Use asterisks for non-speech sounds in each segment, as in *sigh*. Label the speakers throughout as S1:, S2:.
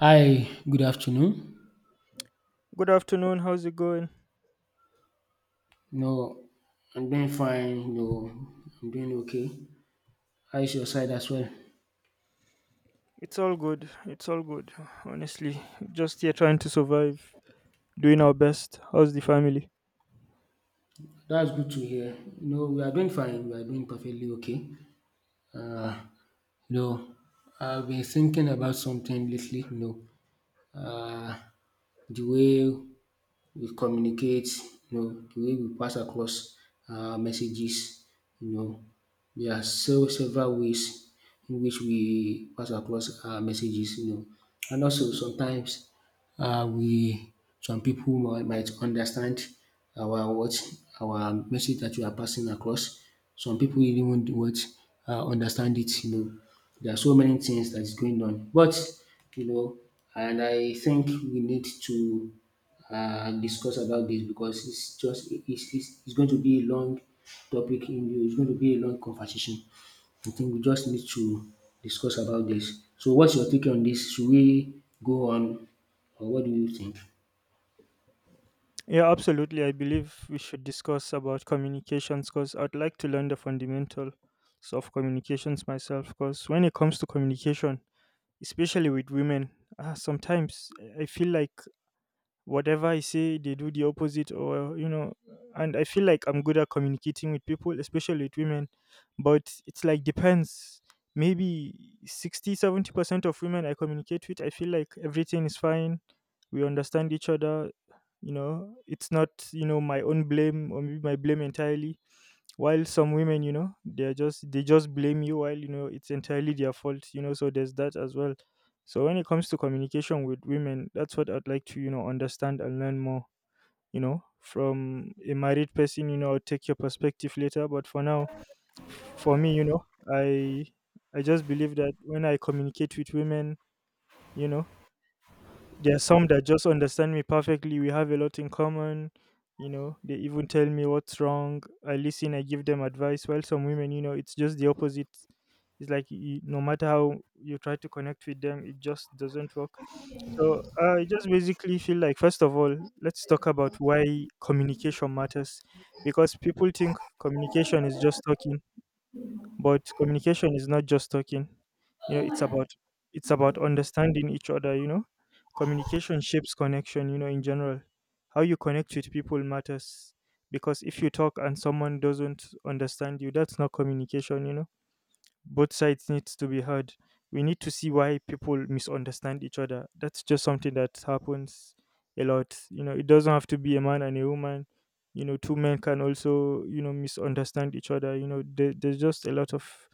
S1: Hi, good afternoon.
S2: Good afternoon. How's it going?
S1: No, I'm doing fine. No, I'm doing okay. How is your side as well?
S2: It's all good. It's all good. Honestly, just here trying to survive, doing our best. How's the family?
S1: That's good to hear. No, we are doing fine. We are doing perfectly okay. Uh, no, I've been thinking about something lately. No, uh, the way we communicate, the way we pass across messages, you know. There are so several ways in which we pass across our messages. And also sometimes we some people might understand our what our message that we are passing across. Some people even won't what understand it. There are so many things that is going on, but you know, and I think we need to discuss about this, because it's just it's going to be a long topic in It's going to be a long conversation. I think we just need to discuss about this. So what's your take on this? Should we go on, or what do you think?
S2: Yeah, absolutely. I believe we should discuss about communications because I'd like to learn the fundamentals of communications myself. Because when it comes to communication, especially with women, sometimes I feel like whatever I say, they do the opposite, or you know, and I feel like I'm good at communicating with people, especially with women. But it's like depends. Maybe 60-70% of women I communicate with, I feel like everything is fine. We understand each other. You know, it's not you know my own blame or maybe my blame entirely. While some women, you know, they just blame you while you know it's entirely their fault. You know, so there's that as well. So when it comes to communication with women, that's what I'd like to, you know, understand and learn more, you know, from a married person, you know, I'll take your perspective later. But for now, for me, you know, I I just believe that when I communicate with women, you know, there's some that just understand me perfectly. We have a lot in common. You know, they even tell me what's wrong. I listen, I give them advice. While some women, you know, it's just the opposite. It's like you, no matter how you try to connect with them, it just doesn't work. So I just basically feel like, first of all, let's talk about why communication matters. Because people think communication is just talking. But communication is not just talking. You know, it's about understanding each other, you know. Communication shapes connection, you know, in general. How you connect with people matters because if you talk and someone doesn't understand you, that's not communication, you know. Both sides needs to be heard. We need to see why people misunderstand each other. That's just something that happens a lot. You know, it doesn't have to be a man and a woman, you know, two men can also, you know, misunderstand each other, you know, there's just a lot of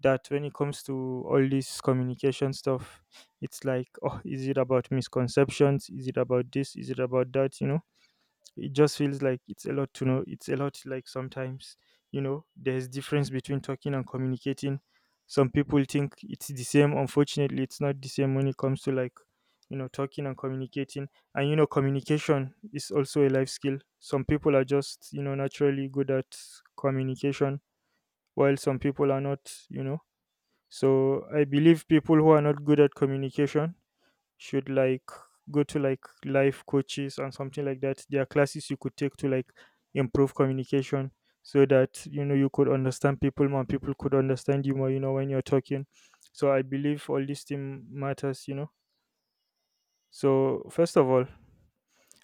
S2: that when it comes to all this communication stuff. It's like, *laughs* oh, is it about misconceptions? Is it about this? Is it about that? You know, it just feels like it's a lot to know. It's a lot like sometimes, you know, there's difference between talking and communicating. Some people think it's the same. Unfortunately, it's not the same when it comes to like, you know, talking and communicating. And you know, communication is also a life skill. Some people are just, you know, naturally good at communication, while some people are not, you know. So I believe people who are not good at communication should like go to like life coaches and something like that. There are classes you could take to like improve communication so that you know you could understand people more, people could understand you more, you know, when you're talking. So I believe all this thing matters, you know. So first of all,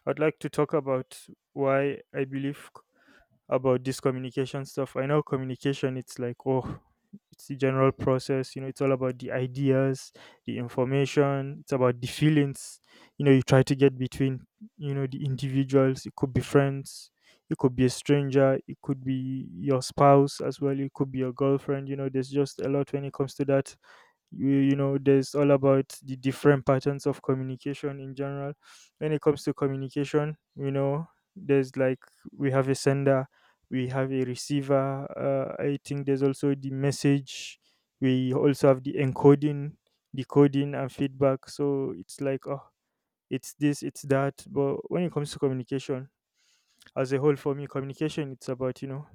S2: I'd like to talk about why I believe about this communication stuff. I know communication, it's like, oh, it's the general process. You know, it's all about the ideas, the information. It's about the feelings. You know, you try to get between, you know, the individuals. It could be friends. It could be a stranger. It could be your spouse as well. It could be your girlfriend. You know, there's just a lot when it comes to that. You know there's all about the different patterns of communication in general. When it comes to communication, you know, there's like, we have a sender, we have a receiver, I think there's also the message, we also have the encoding, decoding and feedback. So it's like, oh, it's this, it's that. But when it comes to communication as a whole, for me, communication, it's about, you know,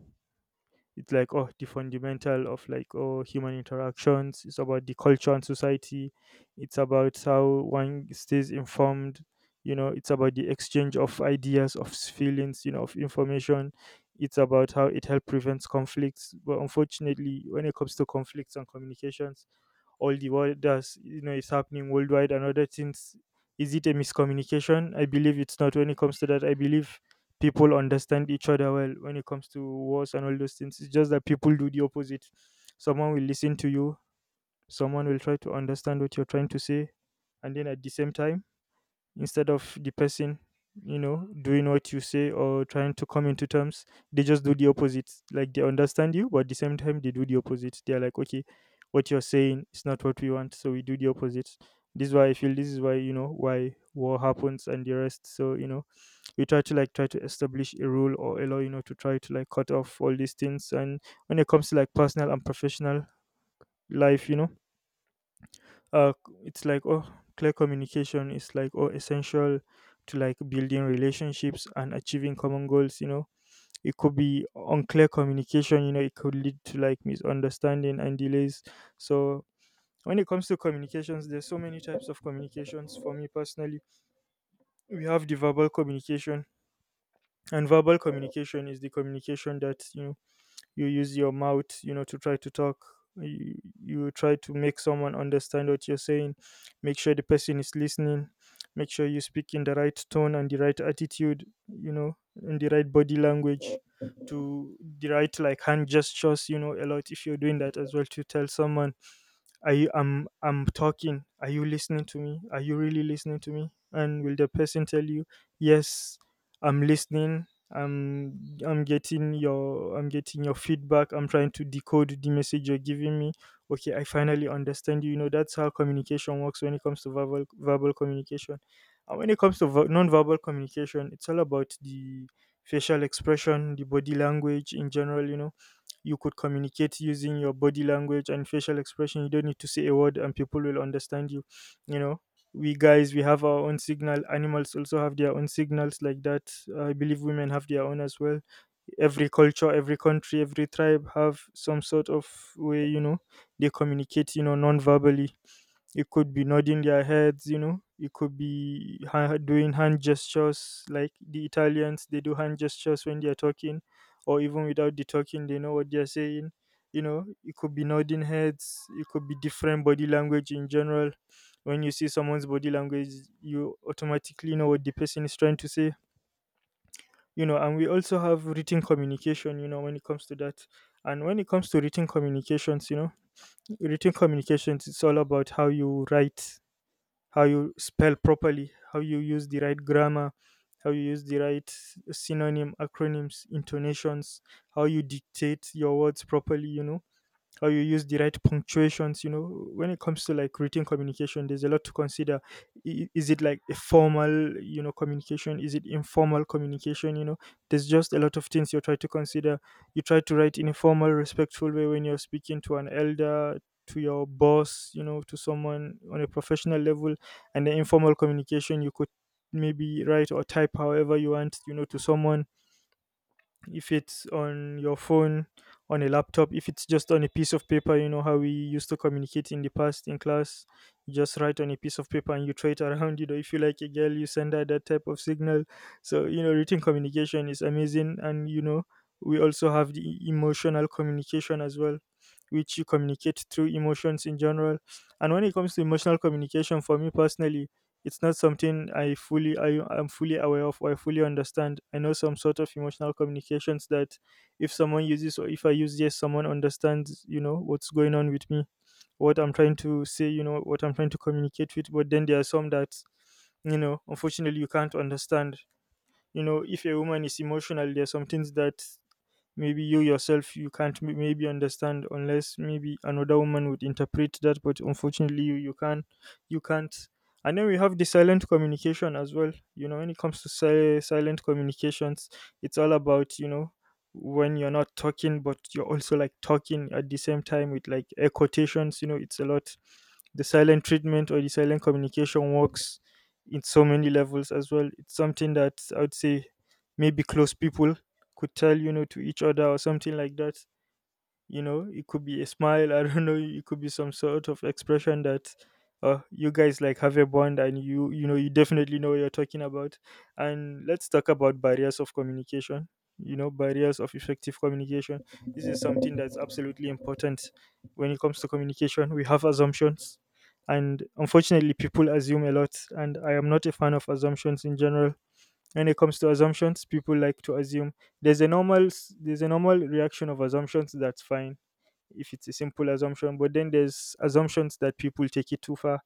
S2: it's like, oh, the fundamental of like, oh, human interactions. It's about the culture and society. It's about how one stays informed, you know. It's about the exchange of ideas, of feelings, you know, of information. It's about how it helps prevents conflicts. But unfortunately, when it comes to conflicts and communications, all the world does, you know, is happening worldwide and other things. Is it a miscommunication? I believe it's not. When it comes to that, I believe people understand each other well when it comes to wars and all those things. It's just that people do the opposite. Someone will listen to you, someone will try to understand what you're trying to say, and then at the same time, instead of the person, you know, doing what you say or trying to come into terms, they just do the opposite. Like they understand you, but at the same time, they do the opposite. They're like, okay, what you're saying is not what we want, so we do the opposite. This is why, you know, why war happens and the rest. So, you know, we try to establish a rule or allow you know to try to like cut off all these things. And when it comes to like personal and professional life, you know, uh, it's like, oh, clear communication is like, oh, essential to like building relationships and achieving common goals, you know. It could be unclear communication, you know, it could lead to like misunderstanding and delays. So when it comes to communications, there's so many types of communications. For me personally, we have the verbal communication. And verbal communication is the communication that, you know, you use your mouth, you know, to try to talk. you, you try to make someone understand what you're saying, make sure the person is listening, make sure you speak in the right tone and the right attitude, you know, in the right body language, to the right like hand gestures, you know, a lot if you're doing that as well to tell someone, are you I'm talking. Are you listening to me? Are you really listening to me? And will the person tell you, yes, I'm listening. I'm I'm getting your feedback. I'm trying to decode the message you're giving me. Okay, I finally understand you. You know, that's how communication works when it comes to verbal communication. And when it comes to non-verbal communication, it's all about the facial expression, the body language in general, you know, you could communicate using your body language and facial expression, you don't need to say a word and people will understand you, you know. We guys, we have our own signal. Animals also have their own signals like that. I believe women have their own as well. Every culture, every country, every tribe have some sort of way, you know, they communicate, you know, non-verbally. It could be nodding their heads, you know. It could be doing hand gestures, like the Italians. They do hand gestures when they are talking, or even without the talking, they know what they are saying. You know, it could be nodding heads. It could be different body language in general. When you see someone's body language, you automatically know what the person is trying to say. You know, and we also have written communication. You know, when it comes to that, and when it comes to written communications, you know, written communications, it's all about how you write, how you spell properly, how you use the right grammar, how you use the right synonym, acronyms, intonations, how you dictate your words properly, you know, or you use the right punctuations, you know. When it comes to like written communication, there's a lot to consider. Is it like a formal, you know, communication? Is it informal communication? You know, there's just a lot of things you try to consider. You try to write in a formal respectful way when you're speaking to an elder, to your boss, you know, to someone on a professional level. And the informal communication, you could maybe write or type however you want, you know, to someone. If it's on your phone, on a laptop, if it's just on a piece of paper, you know how we used to communicate in the past in class. You just write on a piece of paper and you throw it around, *laughs* you know, if you like a girl you send her that type of signal. So, you know, written communication is amazing. And you know, we also have the emotional communication as well, which you communicate through emotions in general. And when it comes to emotional communication for me personally, it's not something I am fully aware of or I fully understand. I know some sort of emotional communications that if someone uses or if I use yes, someone understands, what's going on with me, what I'm trying to say, what I'm trying to communicate with. But then there are some that, unfortunately you can't understand. You know, if a woman is emotional, there are some things that maybe you yourself you can't maybe understand unless maybe another woman would interpret that, but unfortunately you can't, you can't. And then we have the silent communication as well. You know, when it comes to silent communications, it's all about, you know, when you're not talking but you're also like talking at the same time with like air quotations, you know, it's a lot. The silent treatment or the silent communication works in so many levels as well. It's something that I would say maybe close people could tell, you know, to each other or something like that. You know, it could be a smile. *laughs* I don't know. It could be some sort of expression that you guys like have a bond and you know, you definitely know what you're talking about. And let's talk about barriers of communication. You know, barriers of effective communication. This is something that's absolutely important when it comes to communication. We have assumptions. And unfortunately, people assume a lot. And I am not a fan of assumptions in general. When it comes to assumptions, people like to assume. There's a there's a normal reaction of assumptions, that's fine if it's a simple assumption, but then there's assumptions that people take it too far.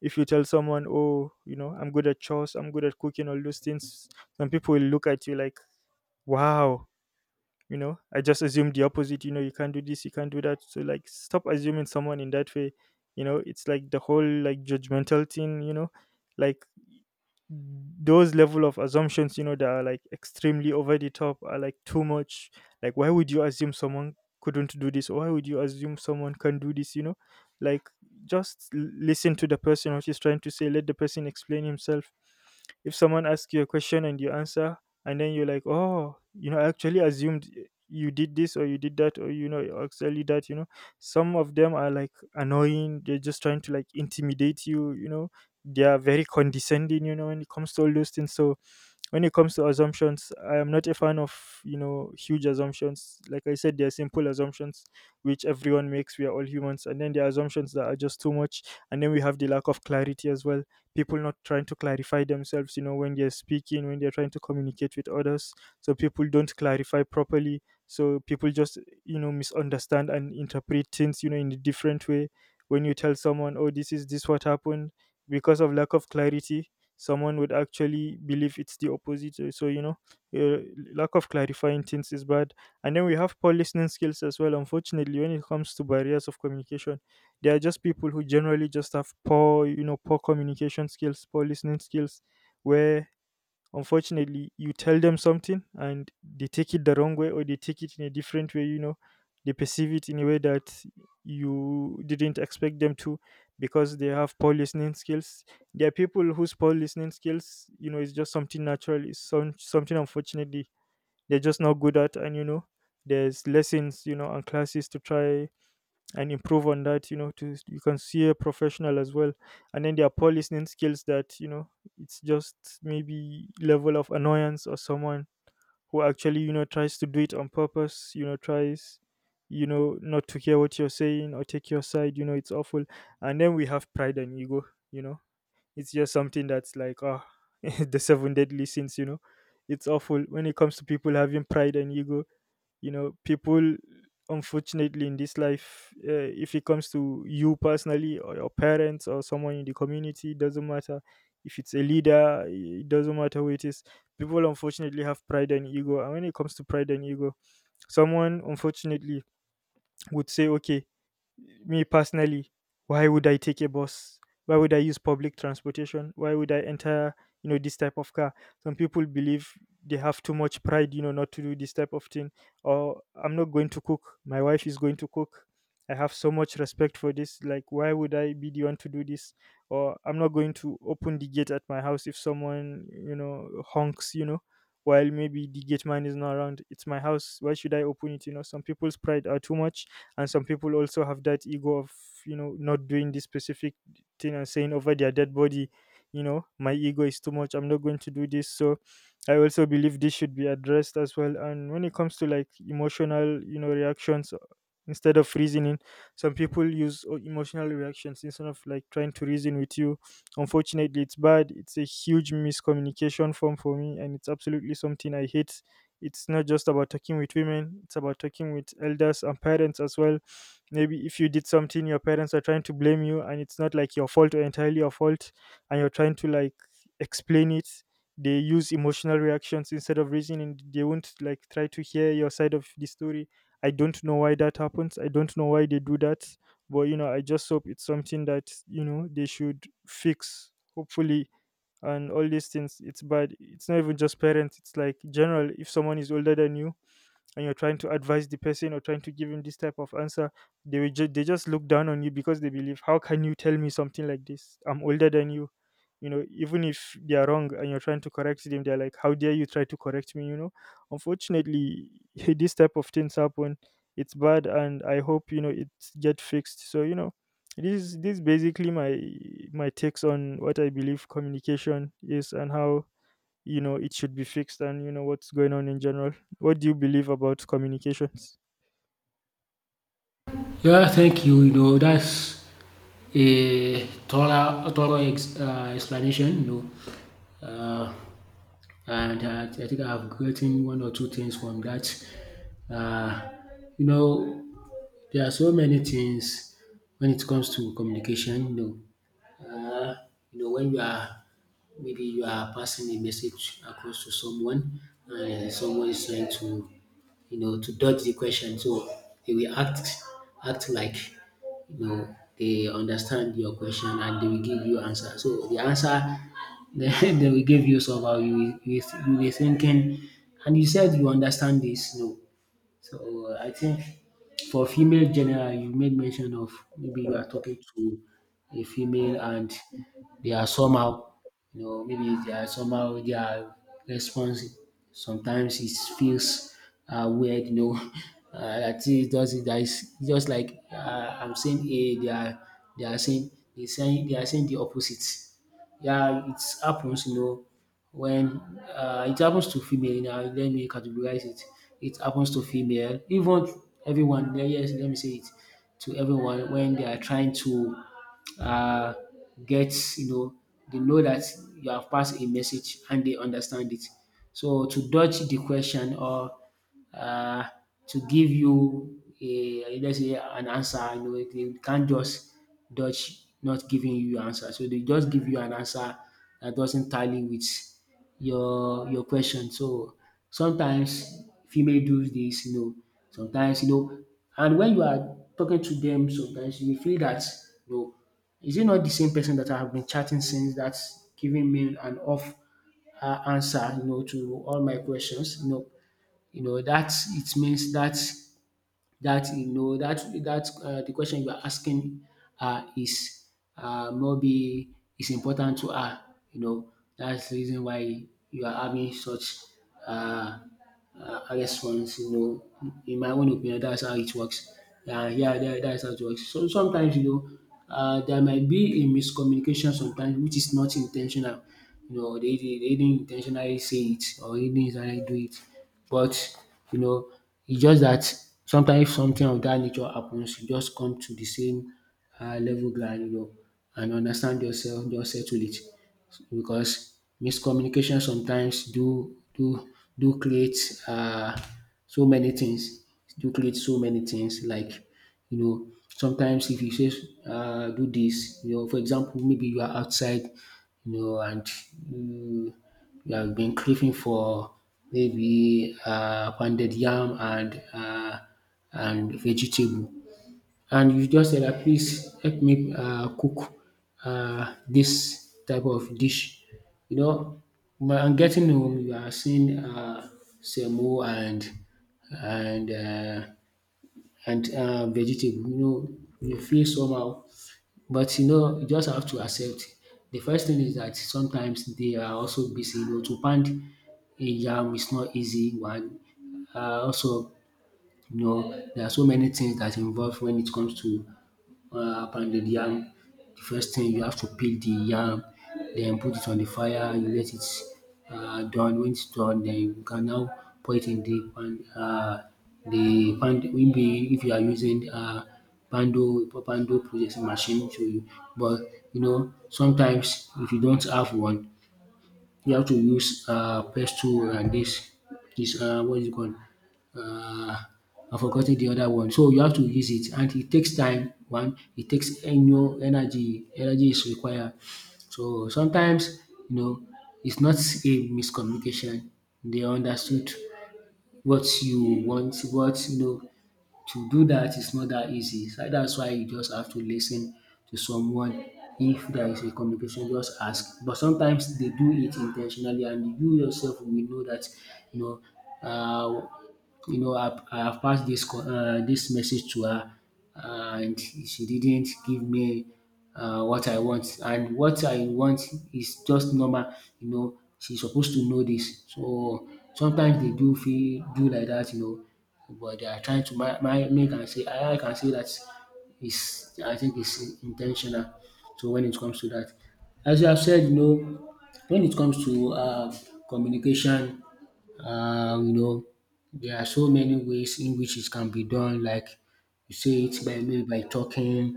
S2: If you tell someone, oh, you know, I'm good at chores, I'm good at cooking, all those things, some people will look at you like, wow, you know, I just assumed the opposite. You know, you can't do this, you can't do that. So like, stop assuming someone in that way. You know, it's like the whole like judgmental thing, you know, like, those level of assumptions, you know, that are like extremely over the top are like too much. Like, why would you assume someone couldn't do this, or why would you assume someone can do this, you know? Like, just listen to the person, what he's trying to say. Let the person explain himself. If someone asks you a question and you answer, and then you're like, oh, you know, I actually assumed you did this or you did that, or you know, you actually that, you know, some of them are like annoying, they're just trying to like intimidate you, you know. They are very condescending, you know, when it comes to all those things. So when it comes to assumptions, I am not a fan of, you know, huge assumptions. Like I said, they're simple assumptions which everyone makes, we are all humans, and then there are assumptions that are just too much. And then we have the lack of clarity as well. People not trying to clarify themselves, you know, when they're speaking, when they're trying to communicate with others. So people don't clarify properly, so people just, you know, misunderstand and interpret things, you know, in a different way. When you tell someone, oh, this is this what happened, because of lack of clarity, someone would actually believe it's the opposite. So you know, uh, lack of clarifying things is bad. And then we have poor listening skills as well. Unfortunately, when it comes to barriers of communication, there are just people who generally just have poor, you know, poor communication skills, poor listening skills, where unfortunately you tell them something and they take it the wrong way, or they take it in a different way, you know, they perceive it in a way that you didn't expect them to, because they have poor listening skills. There are people whose poor listening skills, you know, is just something natural. It's something unfortunately they're just not good at, and you know, there's lessons, you know, and classes to try and improve on that, you know, to you can see a professional as well. And then there are poor listening skills that, you know, it's just maybe level of annoyance, or someone who actually, you know, tries to do it on purpose, you know, tries, you know, not to hear what you're saying or take your side, you know, it's awful. And then we have pride and ego, you know, it's just something that's like, ah. *laughs* The seven deadly sins, you know, it's awful when it comes to people having pride and ego. You know, people, unfortunately, in this life, if it comes to you personally, or your parents, or someone in the community, it doesn't matter. If it's a leader, it doesn't matter who it is. People unfortunately have pride and ego, and when it comes to pride and ego, someone unfortunately would say, okay, me personally, why would I take a bus? Why would I use public transportation? Why would I enter, you know, this type of car? Some people believe they have too much pride, you know, not to do this type of thing. Or I'm not going to cook. My wife is going to cook. I have so much respect for this. Like, why would I be the one to do this? Or I'm not going to open the gate at my house if someone, you know, honks, you know, while maybe the gate man is not around. It's my house. Why should I open it? You know, some people's pride are too much, and some people also have that ego of, you know, not doing this specific thing, and saying over their dead body, you know, my ego is too much, I'm not going to do this. So I also believe this should be addressed as well. And when it comes to like emotional, you know, reactions, instead of reasoning, some people use emotional reactions instead of like trying to reason with you. Unfortunately, it's bad. It's a huge miscommunication form for me, and it's absolutely something I hate. It's not just about talking with women, it's about talking with elders and parents as well. Maybe if you did something, your parents are trying to blame you, and it's not like your fault or entirely your fault, and you're trying to like explain it. They use emotional reactions instead of reasoning. They won't like try to hear your side of the story. I don't know why that happens. I don't know why they do that, but you know, I just hope it's something that, you know, they should fix, hopefully. And all these things, it's bad. It's not even just parents, it's like general. If someone is older than you and you're trying to advise the person or trying to give him this type of answer, they will they just look down on you because they believe, how can you tell me something like this, I'm older than you? You know, even if they are wrong and you're trying to correct them, they're like, how dare you try to correct me, you know? Unfortunately, *laughs* this type of things happen. It's bad, and I hope, you know, it get fixed. So you know, this basically my my takes on what I believe communication is, and how, you know, it should be fixed, and you know what's going on in general. What do you believe about communications?
S1: Yeah, thank you. That's a thorough, thorough explanation. Know, uh, and I think I've gotten one or two things from that. Uh, you know, there are so many things when it comes to communication. Uh, when you are maybe you are passing a message across to someone, and someone is trying to you know to dodge the question. So they will act like they understand your question, and they will give you answer. So the answer, *laughs* they will give you somehow. You will thinking, and you said you understand this. No. So I think for female general, you made mention of maybe you are talking to a female, and they are somehow, maybe they are somehow, their response sometimes it feels weird. *laughs* I think it doesn't. That is just like I'm saying A, they are saying they are saying the opposite. Yeah, it happens, when, it happens to female. Now let me categorize it. It happens to female, even everyone. Yes, let me say it, to everyone when they are trying to uh, get, you know, they know that you have passed a message and they understand it. So to dodge the question, or uh, to give you a let's say, an answer. They can't just dodge, not giving you your answer. So they just give you an answer that doesn't tally with your question. So sometimes female do this, sometimes, and when you are talking to them, sometimes you will feel that, you know, is it not the same person that I have been chatting since that's giving me an off answer, to all my questions. That it means that you know that that the question you are asking is, maybe, is important to her. That's the reason why you are having such uh response. In my own opinion, that's how it works. Yeah, yeah, that's how it works. So sometimes, there might be a miscommunication sometimes, which is not intentional. They didn't intentionally say it, or they didn't intentionally do it. But you know it's just that sometimes if something of that nature happens, you just come to the same level ground, and understand yourself, just settle it. Because miscommunication sometimes do create so many things, do create so many things. Like, you know, sometimes if you say, do this, for example, maybe you are outside, and you, you have been craving for maybe pounded yam and vegetable, and you just say that, please help me cook this type of dish. You know, when I'm getting home, you are seeing semo and uh, and vegetable, you feel somehow. But you just have to accept. The first thing is that sometimes they are also busy. To pound a yam is not easy one. Also, there are so many things that's involved when it comes to pounded yam. The first thing, you have to peel the yam, then put it on the fire. You let it done. When it's done, then you can now put it in the pan. The pan. Maybe if you are using pando processing machine to you, but sometimes, if you don't have one, you have to use pestle and this, what is it called, uh I forgotten the other one. So you have to use it, and it takes time one, it takes annual energy, energy is required. So sometimes, you know it's not a miscommunication. They understood what you want. What, to do that is not that easy, so dats why you just have to listen to someone. If there is a communication, just ask. But sometimes they do it intentionally, and you yourself will know that. you know uh I have passed this this message to her, and she didn't give me what I want. And what I want is just normal. She's supposed to know this. So sometimes they do feel do like that, but they are trying to my, my make and say, I can say that is, I think it's intentional. So when it comes to that, as you have said, when it comes to communication, uh, you know. There are so many ways in which it can be done. Like, you say it by maybe, by talking,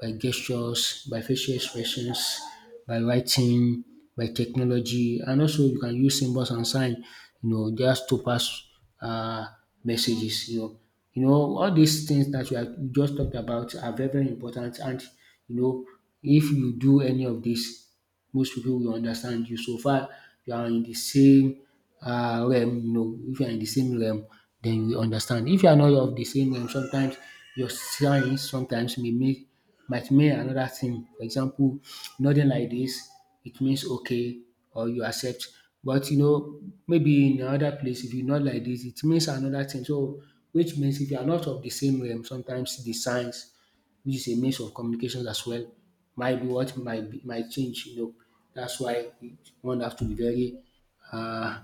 S1: by gestures, by facial expressions, by writing, by technology, and also you can use symbols and sign, just to pass uh, messages. All these things that we have just talked about are very, very important, and you know if you do any of this, most people will understand you, so far you are in the same realm. If you are in the same realm, then you understand. If you are not of the same realm, sometimes your signs sometimes may mean might mean another thing. For example, nodding like this, it means okay, or you accept. But maybe in another place, if you nod like this, it means another thing. So which means if you are not of the same realm, sometimes the signs, which is a mix of communications as well, might be what might be might change, That's why one have to be very, uh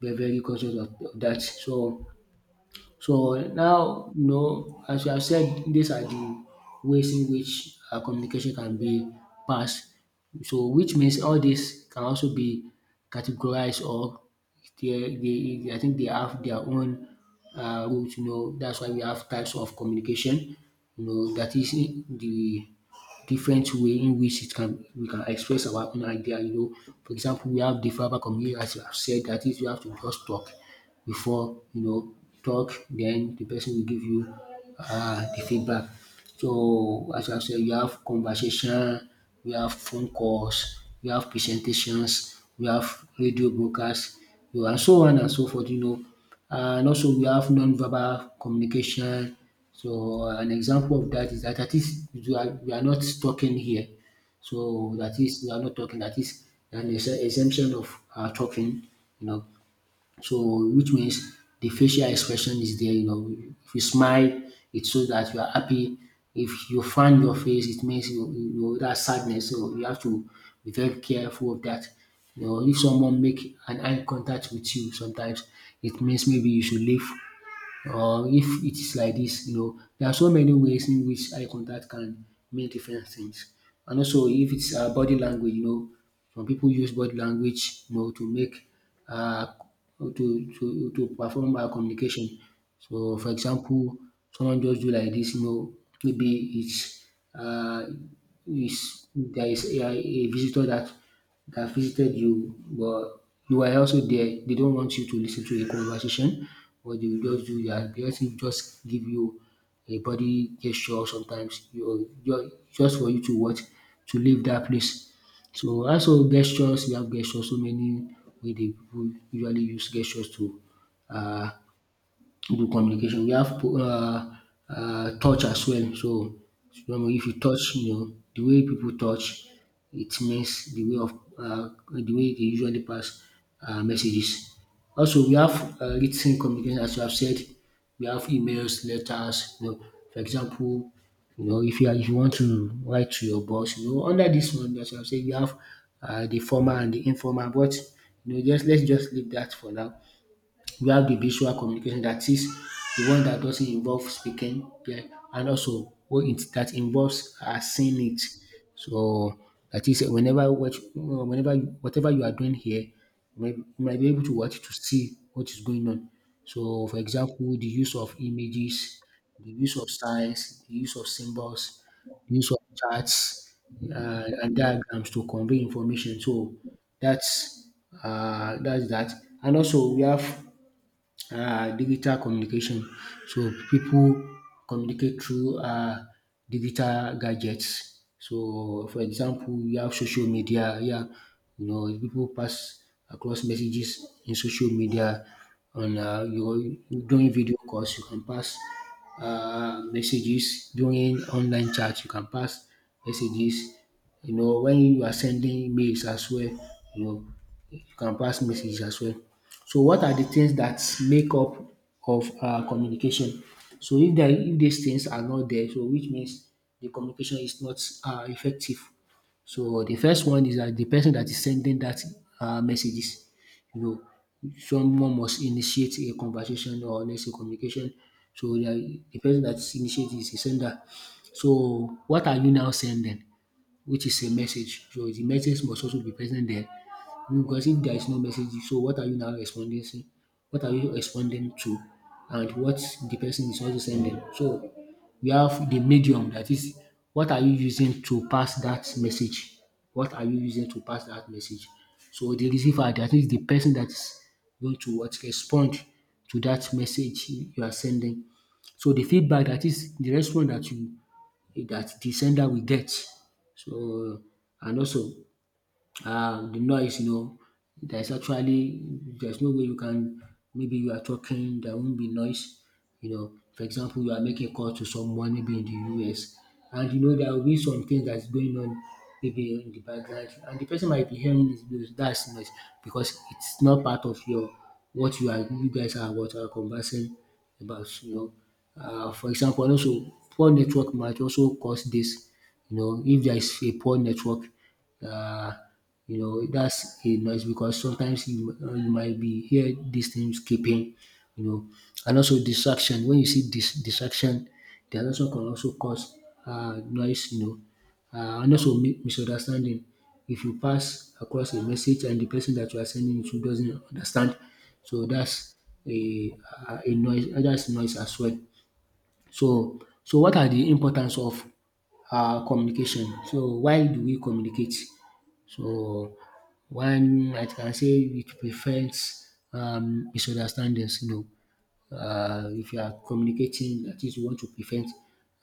S1: very, very conscious of that. So now, as you have said, these are the ways in which communication can be passed. So which means all this can also be categorized, or they I think they have their own rules, that's why we have types of communication, that is the different way in which it can we can express our own idea. For example, we have the verbal communication, as you have said, that is, you have to just talk, before talk, then the person will give you the feedback. So as I said, we have conversation, we have phone calls, we have presentations, we have radio broadcasts, broadcast and so on and so forth, And also, we have non-verbal communication. So an example of thats that dat at least, we are not talking here. So that is, we are not talking, dat is an exemption of our talking you know. So which means the facial expression is there. If you smile, it shows that you are happy. If you frown your face, it means you you that sadness. So you have to be very careful of that. If someone make an eye contact with you sometimes, it means maybe you should leave, or if it is like this, there are so many ways in which eye contact can mean different things. And also, if it's body language, some people use body language, to make, uh to perform communication. So for example, someone just do like this, maybe it's, uh is there is a visitor that visited you, but you are also there. They don't want you to listen to a conversation. What they will just do that. They just give you a body gesture sometimes. You just for you to what, to leave that place. So also, gestures, we have gestures. So many way they people usually use gestures to uh, good communication. We have touch as well. So, you know, if you touch, you know, the way people touch, it means the way of the way they usually pass messages. Also, we have written communication, as you have said. We have emails, letters. You know, for example, you know, if you want to write to your boss, you know, under this one, as you have said, you have the formal and the informal. But you know, just let's just leave that for now. We have the visual communication, that is the one that doesn't involve speaking, yeah, and also what it that involves seeing it. So that is whenever whatever you are doing here, you might be able to watch to see what is going on. So for example, the use of images, the use of signs, the use of symbols, the use of charts and diagrams to convey information. So that's that's that. And also we have digital communication. So people communicate through digital gadgets. So for example, you have social media. Yeah, you know, people pass across messages in social media, and you during video calls you can pass messages, during online chat you can pass messages. You know, when you are sending mails as well, you know, you can pass messages as well. So what are the things that make up of communication? So if these things are not there, so which means the communication is not effective. So the first one is that the person that is sending that messages, you know, someone must initiate a conversation, or let's say communication. So the person that initiate is the sender. So what are you now sending? Which is a message. So the message must also be present there. Because if there is no message, so what are you now responding to? What are you responding to? And what the person is also sending. So we have the medium, that is, what are you using to pass that message? What are you using to pass that message? So the receiver, that is the person that is going to what respond to that message you are sending. So the feedback, that is the response that you that the sender will get. So, and also the noise. You know, there's actually there's no way you can, maybe you are talking, there won't be noise. You know, for example, you are making a call to someone maybe in the US, and you know there will be some things that's going on maybe in the background, and the person might be hearing this those, that's noise, because it's not part of your what you are, you guys are what are conversing about, you know. For example, and also poor network might also cause this. You know, if there is a poor network, uh, you know, that's a noise, because sometimes you might be hear these things keeping, you know. And also distraction. When you see this distraction, they are also can also cause noise, you know. And also misunderstanding. If you pass across a message and the person that you are sending it to doesn't understand, so a, a noise. That's noise as well. So, so what are the importance of communication? So why do we communicate? So, one, I can say it prevents misunderstandings, you know. If you are communicating, at least you want to prevent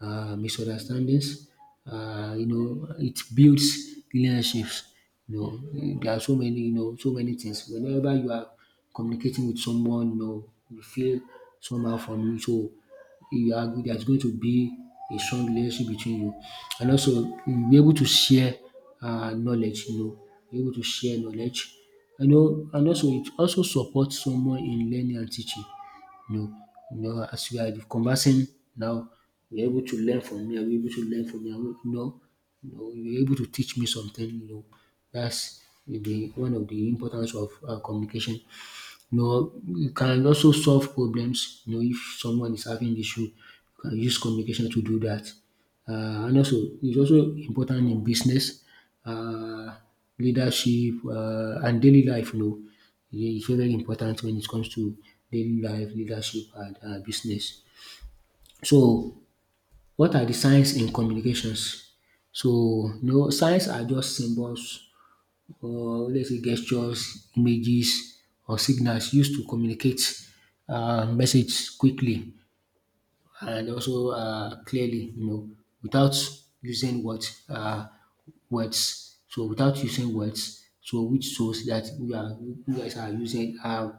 S1: misunderstandings. You know, it builds relationships. You know, there are so many, you know, so many things. Whenever you are communicating with someone, you know, you feel somehow from you. So you are, there's going to be a strong relationship between you. And also you'll be able to share knowledge, you know, be able to share knowledge. You know, and also it also supports someone in learning and teaching. No, no. As we are conversing now, you're able to learn from me, I'll be able to learn from you. No, no. you you're able to teach me something, you know. That's the one of the importance of communication. You know, you can also solve problems, you know, if someone is having issue, you can use communication to do that. And also, it's also important in business, uh, leadership, and daily life, you know. Yeah, it's very important when it comes to daily life, leadership, and business. So, what are the signs in communications? So, you know, signs are just symbols, or let's say gestures, images, or signals used to communicate message quickly and also clearly, you know, without using what words. So without using words, so which shows that we are you guys are using um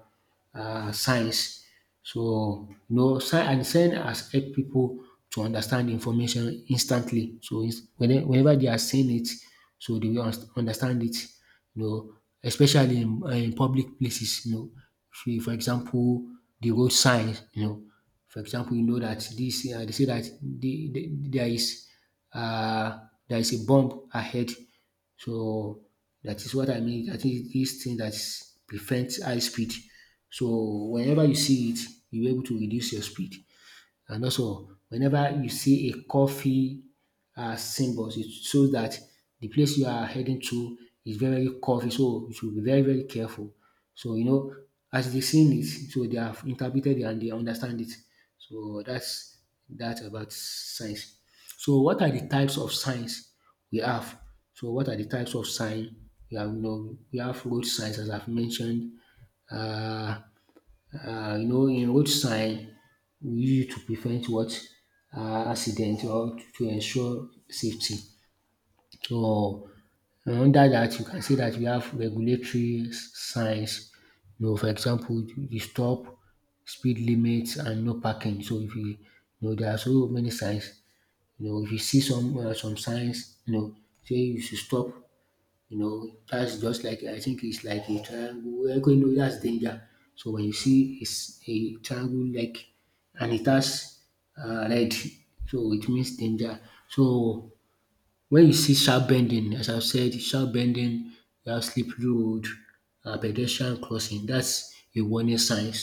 S1: uh signs. So you know, sign has helped people to understand information instantly. So whenever they are seeing it, so they will understand it, you know, especially in public places, you know. If you- For example, the road signs, you know, for example, you know that this they say that uh, there is a bomb ahead. So that is what I mean. I think this thing that prevents high speed. So whenever you see it, you're able to reduce your speed. And also, whenever you see a coffee symbols, it shows that the place you are heading to is very, very coffee. So you should be very, very careful. So, you know, as they seen it, so they have interpreted it and they understand it. So that's that about signs. So what are the types of signs we have? So what are the types of sign we have? You know, we have road signs, as I've mentioned. Uh, you know, in road sign we used to prevent what accident, or to ensure safety. So, under that, you can see that we have regulatory signs. You know, for example, the stop, speed limits, and no parking. So if you, you know, there are so many signs. You know, if you see some signs, you know, say you should stop, you know, that's just like, I think it's like a triangle. You know, that's danger. So when you see it's a triangle like, and it has red, so it means danger. So, wen you see sharp bending, as I said, sharp bending, you have slippery road and pedestrian crossing, dat's a warning signs.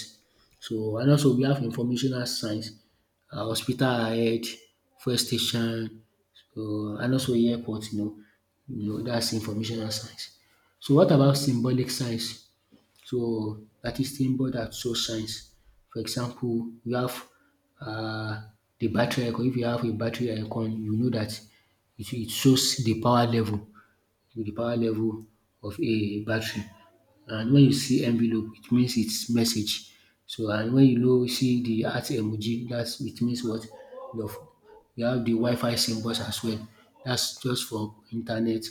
S1: So, and also we have informational signs, hospital ahead, fuel station, and also airport, you know dat's informational signs. So what about symbolic signs? So that is symbol that shows signs. For example, you have uh, the battery icon. If you have a battery icon, you know that it shows the power level of a battery. And when you see envelope, it means it's message. So and when you know see the heart emoji, that's, it means what, love. You have the Wi-Fi symbols as well. That's just for internet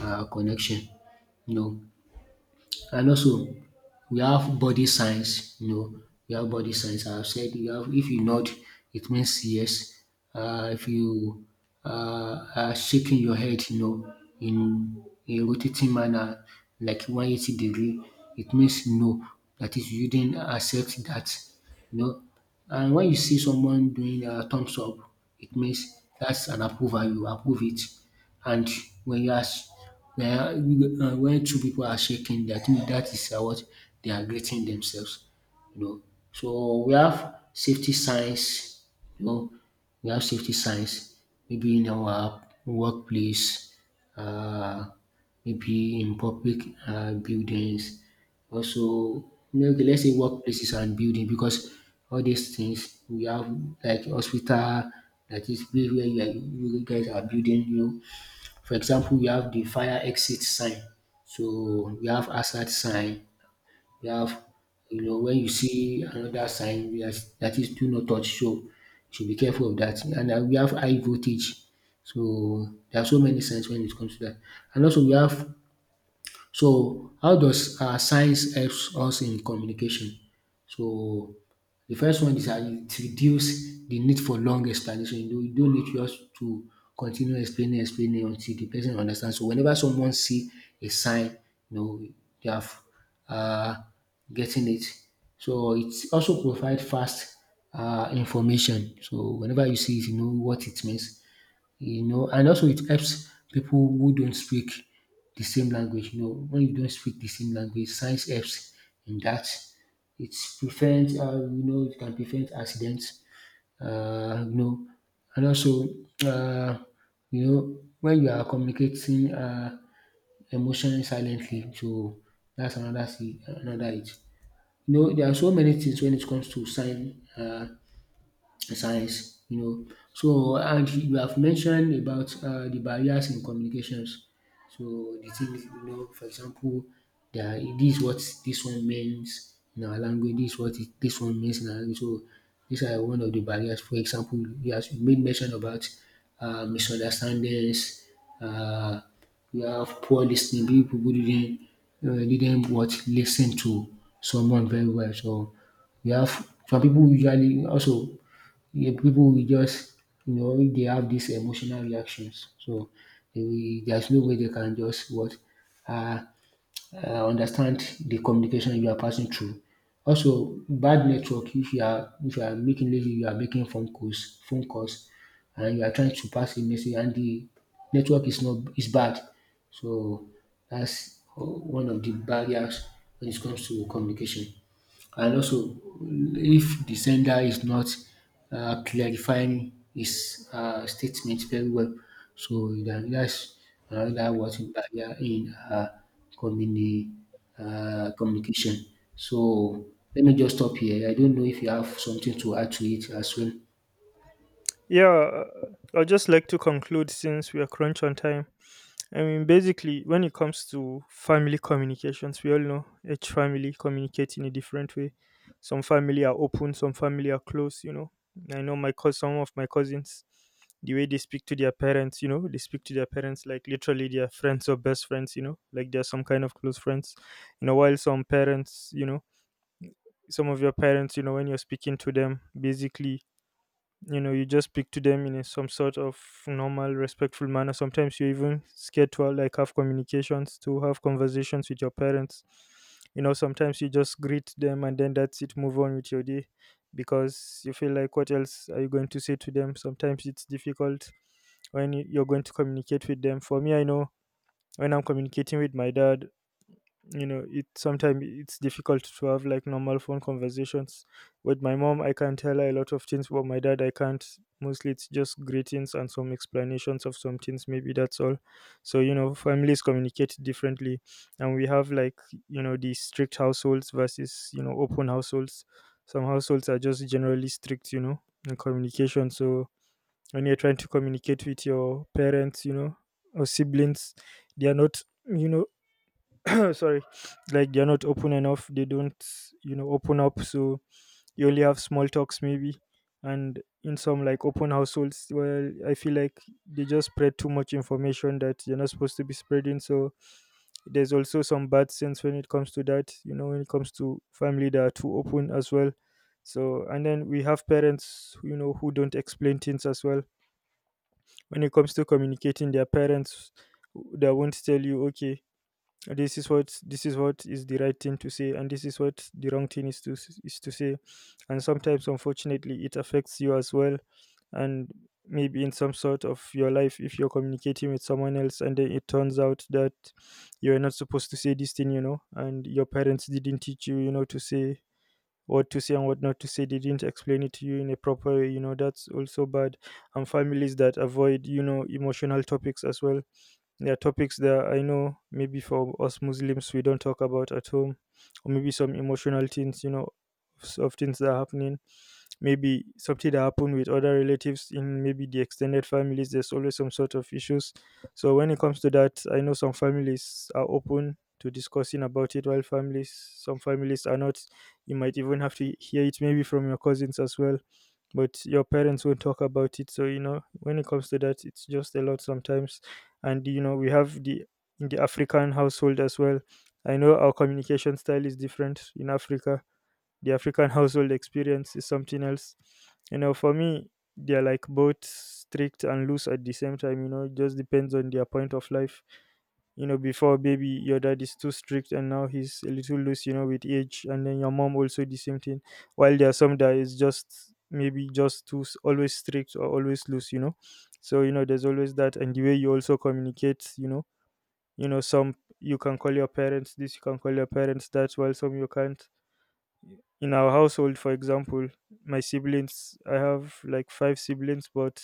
S1: connection. You know, and also we have body signs, you know, we have body signs. I've said, you have, if you nod, it means yes. If you are shaking your head, you know, in a rotating manner, like 180 degree, it means no. That is, you didn't accept that, you know. And when you see someone doing a thumbs up, it means that's an approval. You approve it. And when you ask, when two people are shaking, I think that is, what, they are greeting themselves, you know. So we have safety signs, you know, we have safety signs, maybe in our workplace, uh, maybe in public buildings. Also, okay, let's say workplaces and building, because all these things we have, like hospital, that is place where you guys are building. You know, for example, we have the fire exit sign. So we have hazard sign. You have, you know, when you see another sign that is do not touch, so you should be careful of that. And we have high voltage. So there are so many signs when it comes to that. And also we have, so how does science helps us in communication? So the first one is dat it reduce the need for long explanation. You don't, you don't need just to continue explaining explaining until the person understand. So whenever someone see a sign, you know, they have um getting it. So it also provide fast information. So whenever you see it, you know what it means, you know. And also it helps people who don't speak the same language. You know, when you don't speak the same language, science helps in that. It prevents, it can prevent accidents. Uh, you know, and also, uh, when you are communicating emotionally silently, so that's another it. You know, there are so many things when it comes to sign science, you know. So and you have mentioned about the barriers in communications. So the things you know, for example, this is what this one means in our language. This is what it, this one means in our language. So these are one of the barriers. For example, you have made mention about misunderstandings. Uh, we have poor listening. People who didn't what listen to someone very well. So we have some people usually also yeah, people will just, you know, if they have these emotional reactions, so they will, there's no way they can just what uh, understand the communication you are passing through. Also, bad network. If you are making lazy, you are making phone calls, and you are trying to pass a message, and the network is not is bad. So that's one of the barriers when it comes to communication. And also, if the sender is not clarifying his statement very well, so that's another watching barrier in communi- communication. So let me just stop here. I don't know if you have something to add to it as well.
S2: Yeah, I'd just like to conclude, since we are crunch on time. I mean, basically, when it comes to family communications, we all know each family communicate in a different way. Some family are open, some family are close, you know. I know my cous some of my cousins, the way they speak to their parents, you know, they speak to their parents like literally their friends or best friends, you know, like they're some kind of close friends. You know, while some parents, you know, some of your parents, you know, when you're speaking to them, basically, you know, you just speak to them in a, some sort of normal respectful manner. Sometimes you're even scared to like have communications, to have conversations with your parents. You know, sometimes you just greet them and then that's it, move on with your day, because you feel like, what else are you going to say to them? Sometimes it's difficult when you're going to communicate with them. For me, I know when I'm communicating with my dad, you know, it sometimes it's difficult to have like normal phone conversations. With my mom I can tell her a lot of things, but my dad I can't. Mostly it's just greetings and some explanations of some things, maybe that's all. So you know, families communicate differently. And we have like, you know, the strict households versus, you know, open households. Some households are just generally strict, you know in communication. So when you're trying to communicate with your parents, you know, or siblings, they are not, you know, no, sorry, like they're not open enough, they don't, you know, open up. So you only have small talks maybe. And in some like open households, well, I feel like they just spread too much information that you're not supposed to be spreading. So there's also some bad sense when it comes to that, you know, when it comes to family that are too open as well. So and then we have parents, you know, who don't explain things as well. When it comes to communicating their parents, they won't tell you, okay, this is what is the right thing to say, and this is what the wrong thing is to say. And sometimes, unfortunately, it affects you as well. And maybe in some sort of your life, if you're communicating with someone else and then it turns out that you're not supposed to say this thing, you know, and your parents didn't teach you, you know, to say what to say and what not to say. They didn't explain it to you in a proper way, you know. That's also bad. And families that avoid, you know, emotional topics as well. There are topics that I know, maybe for us Muslims, we don't talk about at home, or maybe some emotional things, you know, of things that are happening. Maybe something that happened with other relatives in maybe the extended families, there's always some sort of issues. So when it comes to that, I know some families are open to discussing about it, while families, some families are not. You might even have to hear it maybe from your cousins as well, but your parents won't talk about it. So you know, when it comes to that, it's just a lot sometimes. And you know, we have the in the African household as well. I know our communication style is different in Africa. The African household experience is something else. You know, for me, they're like both strict and loose at the same time. You know, it just depends on their point of life. You know, before baby your dad is too strict and now he's a little loose, you know, with age, and then your mom also the same thing. While there are some that is just maybe just too always strict or always loose, you know. So you know, there's always that, and the way you also communicate, you know. You know, some, you can call your parents this, you can call your parents that, while some you can't. In our household, for example, my siblings, I have like five siblings, but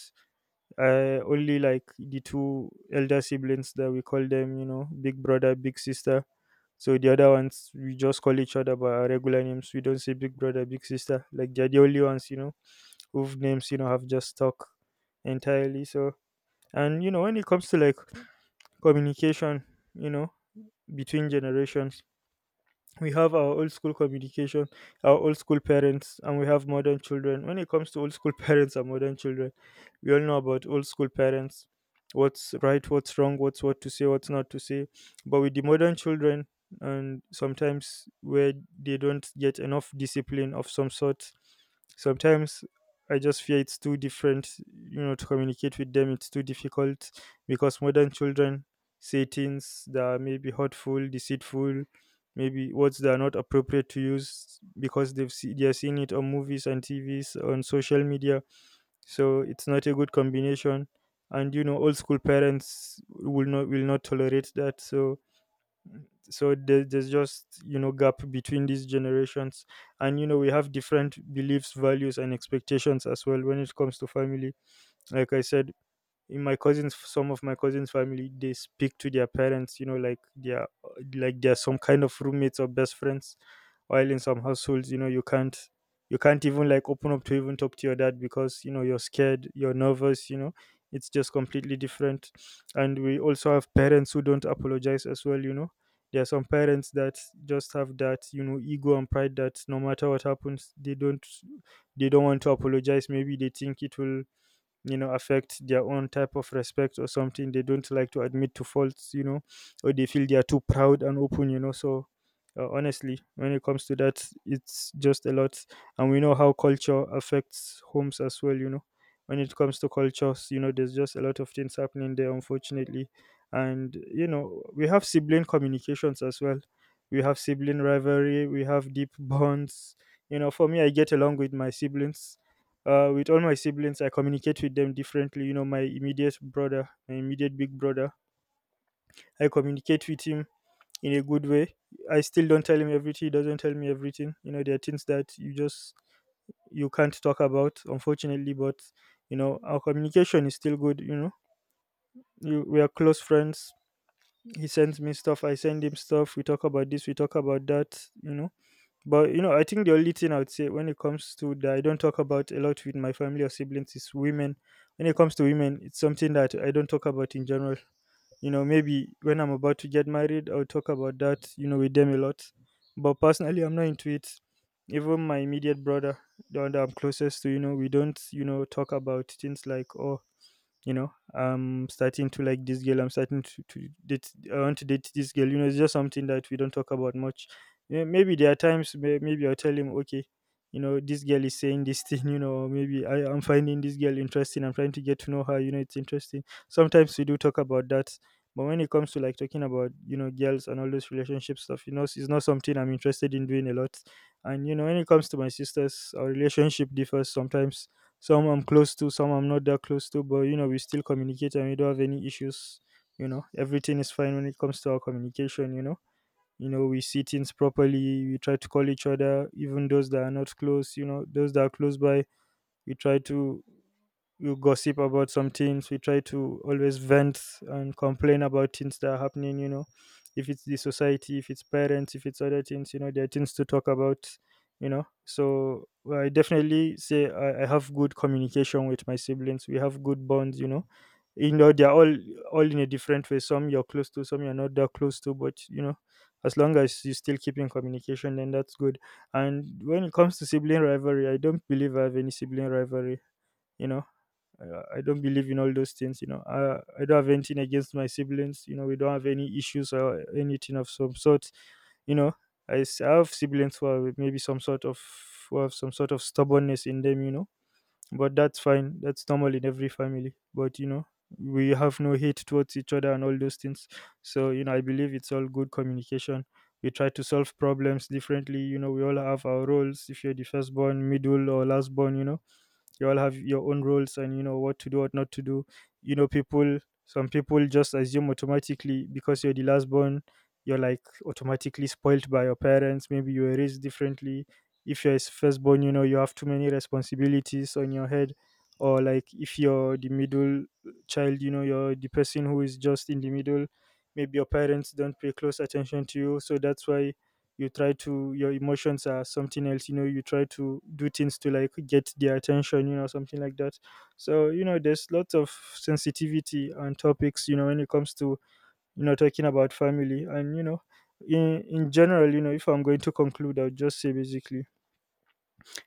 S2: only like the two elder siblings that we call them, you know, big brother, big sister. So the other ones we just call each other by our regular names. We don't say big brother, big sister. Like they're the only ones, you know, whose names, you know, have just stuck entirely. So and you know, when it comes to like communication, you know, between generations, we have our old school communication, our old school parents, and we have modern children. When it comes to old school *laughs* parents and modern children, we all know about old school parents what's right, what's wrong, what to say, what's not to say. But with the modern children, and sometimes where they don't get enough discipline of some sort, sometimes I just fear it's too different, you know, to communicate with them. It's too difficult because modern children say things that may be hurtful, deceitful, maybe words that are not appropriate to use because they're seeing it on movies and TVs on social media. So it's not a good combination, and you know old school parents will not tolerate that. So there's just, you know, gap between these generations, and you know, we have different beliefs, values, and expectations as well when it comes to family. Like I said, in my cousins, some of my cousins' family, they speak to their parents, you know, like they're some kind of roommates or best friends, while in some households, you know, you can't even like open up to even talk to your dad, because you know, you're scared, you're nervous, you know. It's just completely different. And we also have parents who don't apologize as well, you know. There are some parents that just have that, you know, ego and pride that, no matter what happens, they don't want to apologize. Maybe they think it will, you know, affect their own type of respect or something. They don't like to admit to faults, you know. Or they feel they are too proud and open, you know. So honestly, when it comes to that, it's just a lot. And we know how culture affects homes as well, you know. When it comes to cultures, you know, there's just a lot of things happening there, unfortunately. And you know, we have sibling communications as well. We have sibling rivalry, we have deep bonds. You know, for me, I get along with my siblings. With all my siblings, I communicate with them differently. You know, my immediate brother, my immediate big brother, I communicate with him in a good way. I still don't tell him everything, he doesn't tell me everything. You know, there are things that you just you can't talk about, unfortunately, but you know, our communication is still good, you know. We are close friends. He sends me stuff, I send him stuff. We talk about this, we talk about that, you know. But you know, I think the only thing I would say when it comes to that I don't talk about a lot with my family or siblings is women. When it comes to women, it's something that I don't talk about in general. You know, maybe when I'm about to get married, I'll talk about that, you know, with them a lot. But personally, I'm not into it. Even my immediate brother, the one that I'm closest to, you know, we don't, you know, talk about things like, oh, you know, I'm starting to like this girl, I'm starting to date, I want to date this girl, you know. It's just something that we don't talk about much. Yeah, maybe there are times, maybe I'll tell him, okay, you know, this girl is saying this thing, *laughs* you know, maybe I'm finding this girl interesting, I'm trying to get to know her, you know. It's interesting, sometimes we do talk about that. But when it comes to like talking about, you know, girls and all those relationship stuff, you know, it's not something I'm interested in doing a lot. And you know, when it comes to my sisters, our relationship differs sometimes. Some I'm close to, some I'm not that close to, but you know, we still communicate and we don't have any issues. You know, everything is fine when it comes to our communication, you know. You know, we see things properly, we try to call each other, even those that are not close, you know, those that are close by, we try to, you gossip about some things. We try to always vent and complain about things that are happening, you know, if it's the society, if it's parents, if it's other things, you know, there are things to talk about, you know. So well, I definitely say I have good communication with my siblings. We have good bonds, you know. You know, they're all in a different way. Some you're close to, some you're not that close to, but you know, as long as you still keep in communication, then that's good. And when it comes to sibling rivalry, I don't believe I have any sibling rivalry, you know. I don't believe in all those things, you know. I don't have anything against my siblings, you know. We don't have any issues or anything of some sort, you know. I have siblings who are maybe some sort of who have some sort of stubbornness in them, you know. But that's fine. That's normal in every family. But you know, we have no hate towards each other and all those things. So you know, I believe it's all good communication. We try to solve problems differently. You know, we all have our roles. If you're the firstborn, middle, or lastborn, you know, you all have your own roles and you know what to do, what not to do. You know people, some people just assume automatically because you're the last born, you're like automatically spoiled by your parents. Maybe you were raised differently. If you're firstborn, you know, you have too many responsibilities on your head. Or like if you're the middle child, you know, you're the person who is just in the middle. Maybe your parents don't pay close attention to you, so that's why you try to, your emotions are something else. You know, you try to do things to like get their attention, you know, something like that. So, you know, there's lots of sensitivity on topics, you know, when it comes to, talking about family. And in general, if I'm going to conclude, I'll just say basically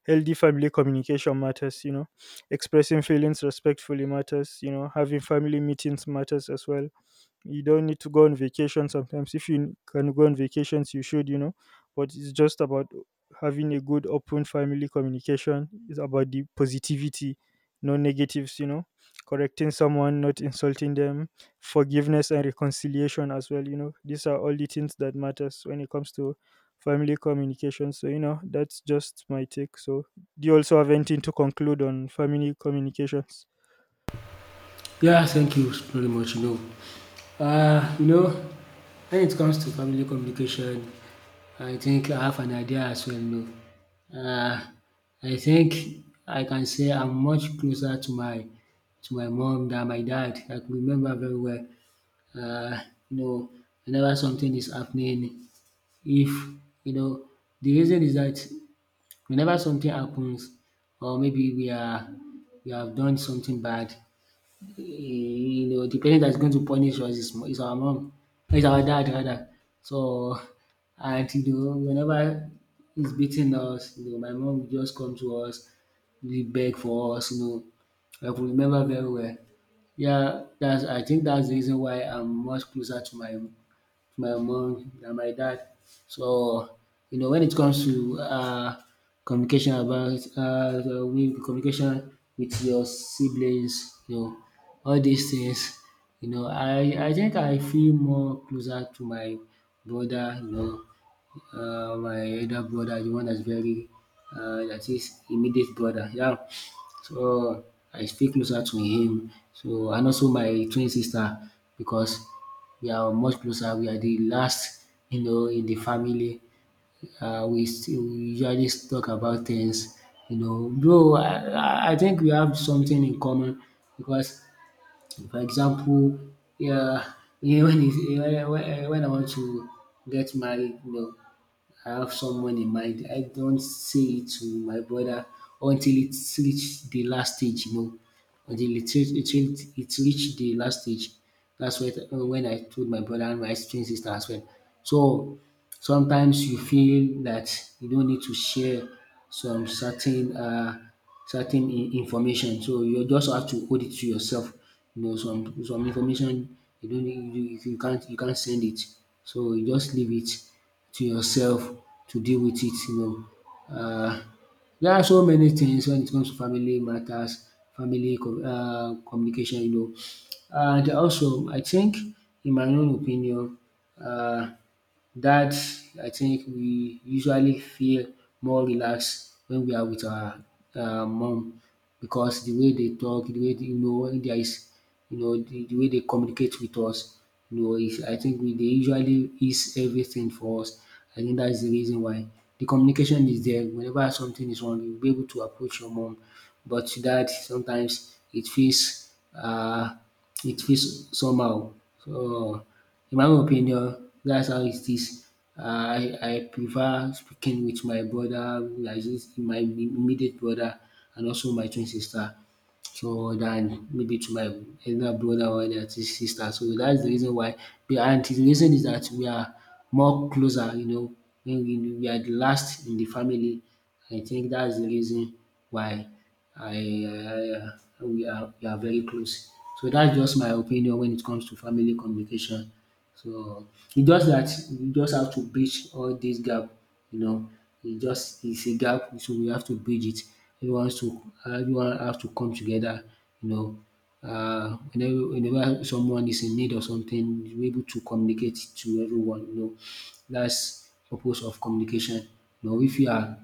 S2: healthy family communication matters, expressing feelings respectfully matters, having family meetings matters as well. You don't need to go on vacation sometimes. If you can go on vacations, you should, you know. But it's just about having a good open family communication. It's about the positivity, no negatives, you know. Correcting someone, not insulting them, forgiveness and reconciliation as well, you know. These are all the things that matters when it comes to family communication. So, you know, that's just my take. So do you also have anything to conclude on family communications?
S1: Yeah, thank you very much. Know, uh, you know, when it comes to family communication, I think I have an idea as well. No, uh, I think I can say I'm much closer to my mom than my dad. I can remember very well. Uh, you know, whenever something is happening, if you know, the reason is that whenever something happens, or maybe we have done something bad, you know, the parent that's going to punish us is our mom, is our dad rather. So, and you know, whenever he's beating us, you know, my mom will just come to us, we beg for us, you know. I could remember very well. Yeah, that's I think that's the reason why I'm much closer to my mom and my dad. So, you know, when it comes to communication about communication with your siblings, you know, all these things, you know, I think I feel more closer to my brother, you know, my elder brother, the one that's very that is immediate brother. Yeah. So I stay closer to him. So and also my twin sister because we are much closer. We are the last, you know, in the family. We usually talk about things, you know. Bro, I think we have something in common because, for example, yeah, *laughs* yeah when, it's, when I want to get married, you know, I have someone in mind. I don't say it to my brother until it's reached the last stage, you know. Until it reached the last stage. That's when I told my brother and my twin sister as well. So sometimes you feel that you don't need to share some certain certain information. So you just have to hold it to yourself. You know, some information you can't send it. So you just leave it to yourself to deal with it you know. There are so many things when it comes to family matters, family com communication you know. And also I think in my own opinion um that I think we usually feel more relaxed when we are with our mom because the way they talk, you know when there is you know the way they communicate with us, you know, is, I think we they usually is everything for us. I think that's the reason why the communication is there. Whenever something is wrong, you'll be able to approach your mom. But that sometimes it feels somehow. So in my own opinion that's how it is. Uh, I I prefer speaking with my brother like dis my immediate brother and also my twin sister so dan maybe to my elder brother or sister so that's the reason why and the reason is that we are more closer you know when we are the last in the family. I think that's the reason why I I we are very close. So that's just my opinion when it comes to family communication. So it's just that you just have to bridge all this gap, you know. It just it's a gap, so we have to bridge it. Everyone has to come together, you know. Whenever someone is in need of something, you're able to communicate to everyone, you know. That's purpose of communication. You know, if you are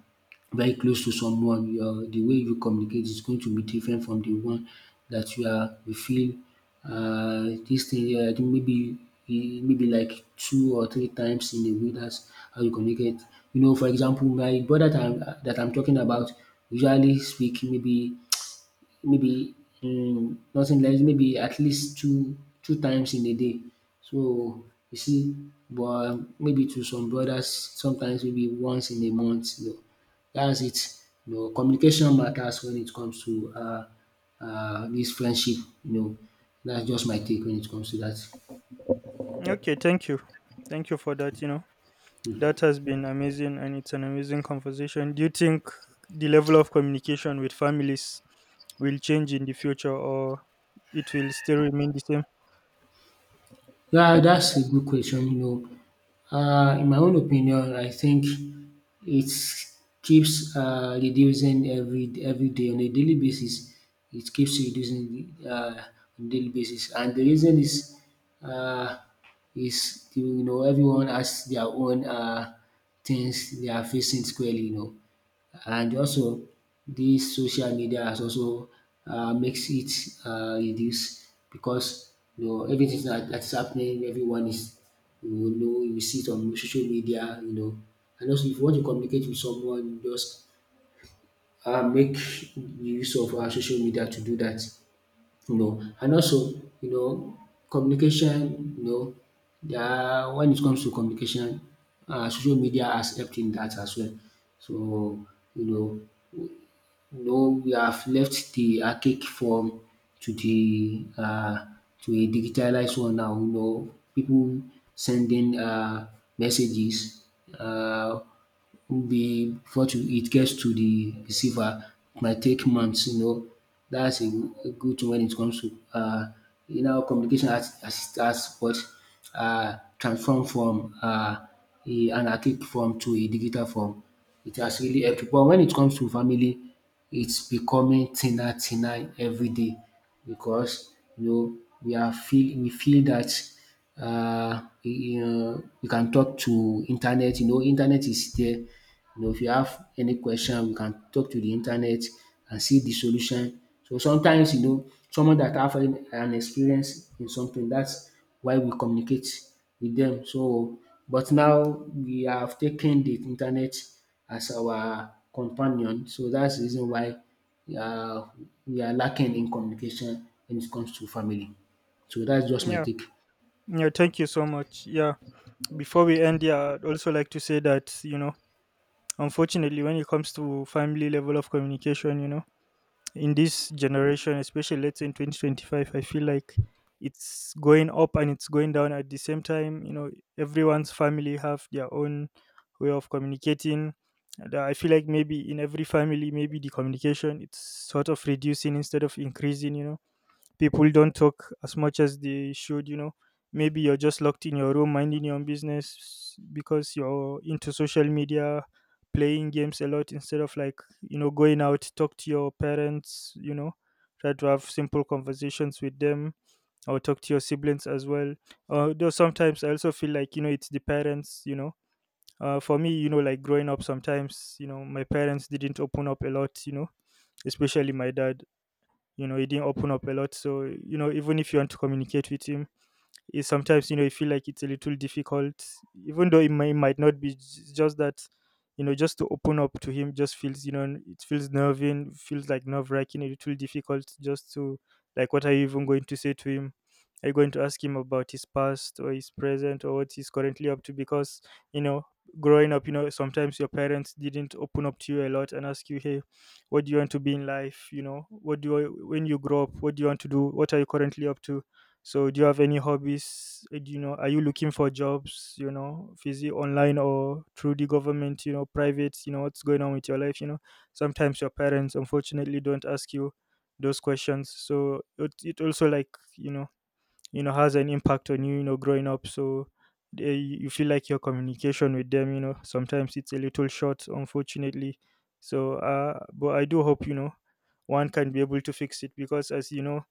S1: very close to someone, your the way you communicate is going to be different from the one that you feel dis thing maybe maybe like two or three times in a week dats how you communicate. You know for example my brother that I'm talking about usually speak maybe maybe nothing less, maybe at least two times in a day. So you see, but maybe to some brothers, sometimes maybe once in a month. You know, that's it. You know, communication matters when it comes to this friendship. You know, that's just my take when it comes to that.
S2: Okay, thank you. Thank you for that, you know. That has been amazing and it's an amazing conversation. Do you think the level of communication with families will change in the future or it will still remain the same?
S1: Yeah, that's a good question. You know, in my own opinion, I think it keeps reducing every day on a daily basis. It keeps reducing on a daily basis, and the reason is uh, you know everyone has their own things they are facing squarely. You know, and also this social media has also makes it reduce because you know everything that is happening everyone is you know you see it on social media you know and also if you want to communicate with someone just make use of our social media to do that, you know. And also you know communication you know yeah, when it comes to communication social media has helped in that as well. So you know no, we have left the archaic form to the to a digitalized one now. You know, people sending messages. Uh, be before to, it gets to the receiver it might take months you know that's a good thing when it comes to you know communication as has what transform from an archaic form to a digital form it has really helped but when it comes to family it's becoming thinner, thinner every day because you know we feel that you know, we can talk to internet. You know, internet is there. You know, if you have any question, we can talk to the internet and see the solution. So sometimes, you know, someone that have an experience in something, that's why we communicate with them. So, but now we have taken the internet as our companion. So that's the reason why uh, we are lacking in communication when it comes to family. So that's just my
S2: Yeah.
S1: take.
S2: Yeah, thank you so much. Yeah. Before we end, yeah, I'd also like to say that, you know, unfortunately, when it comes to family level of communication, you know, in this generation, especially let's say in 2025, I feel like it's going up and it's going down at the same time. You know, everyone's family have their own way of communicating. And I feel like maybe in every family, maybe the communication, it's sort of reducing instead of increasing. You know, people don't talk as much as they should, you know. Maybe you're just locked in your room minding your own business because you're into social media, playing games a lot instead of like, you know, going out, talk to your parents, you know, try to have simple conversations with them or talk to your siblings as well. Though sometimes I also feel like, you know, it's the parents, you know. For me, you know, like growing up, sometimes, you know, my parents didn't open up a lot, you know, especially my dad. You know, he didn't open up a lot, so, you know, even if you want to communicate with him, is sometimes, you know, you feel like it's a little difficult, even though it might not be. It's just that, you know, just to open up to him just feels, you know, it feels nerving, feels like nerve wracking, a little difficult, just to, like, what are you even going to say to him? Are you going to ask him about his past or his present or what he's currently up to? Because, you know, growing up, you know, sometimes your parents didn't open up to you a lot and ask you, hey, what do you want to be in life? You know, what do you, when you grow up, what do you want to do? What are you currently up to? So, do you have any hobbies? Do you know, are you looking for jobs? You know, is it online or through the government? You know, private. You know, what's going on with your life? You know, sometimes your parents unfortunately don't ask you those questions. So it also like, you know you know, has an impact on you. You know, growing up. So they, you feel like your communication with them. You know, sometimes it's a little short, unfortunately. So, but I do hope, you know, one can be able to fix it because, as you know,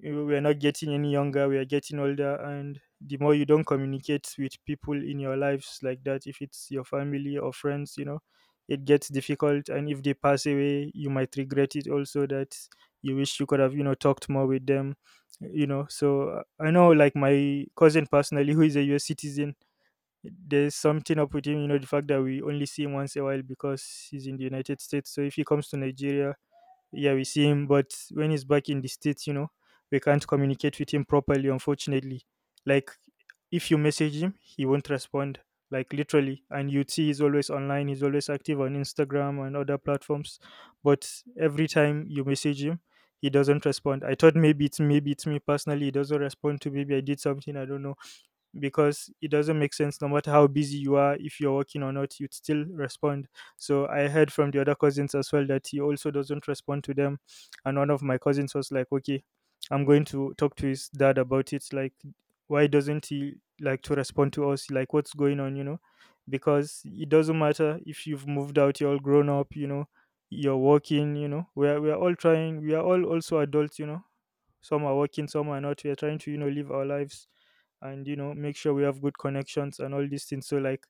S2: we're not getting any younger, we are getting older, and the more you don't communicate with people in your lives like that, if it's your family or friends, you know, it gets difficult. And if they pass away, you might regret it also, that you wish you could have, you know, talked more with them, you know. So I know, like, my cousin personally *laughs* who is a US citizen, there's something up with him, you know, the fact that we only see him once a while because he's in the United States. So if he comes to Nigeria, yeah, we see him, but when he's back in the States, you know, we can't communicate with him properly, unfortunately. Like, if you message him, he won't respond, like, literally. And you'd see he's always online, he's always active on Instagram and other platforms. But every time you message him, he doesn't respond. I thought maybe it's, me personally, he doesn't respond to, maybe I did something, I don't know, because it doesn't make sense. No matter how busy you are, if you're working or not, you'd still respond. So I heard from the other cousins as well that he also doesn't respond to them. And one of my cousins was like, okay, I'm going to talk to his dad about it, like, why doesn't he like to respond to us, like, what's going on? You know, because it doesn't matter if you've moved out, you're all grown up, you know, you're working, you know, we're all trying, we are all also adults, you know. Some are working, some are not, we are trying to, you know, live our lives and, you know, make sure we have good connections and all these things. So like,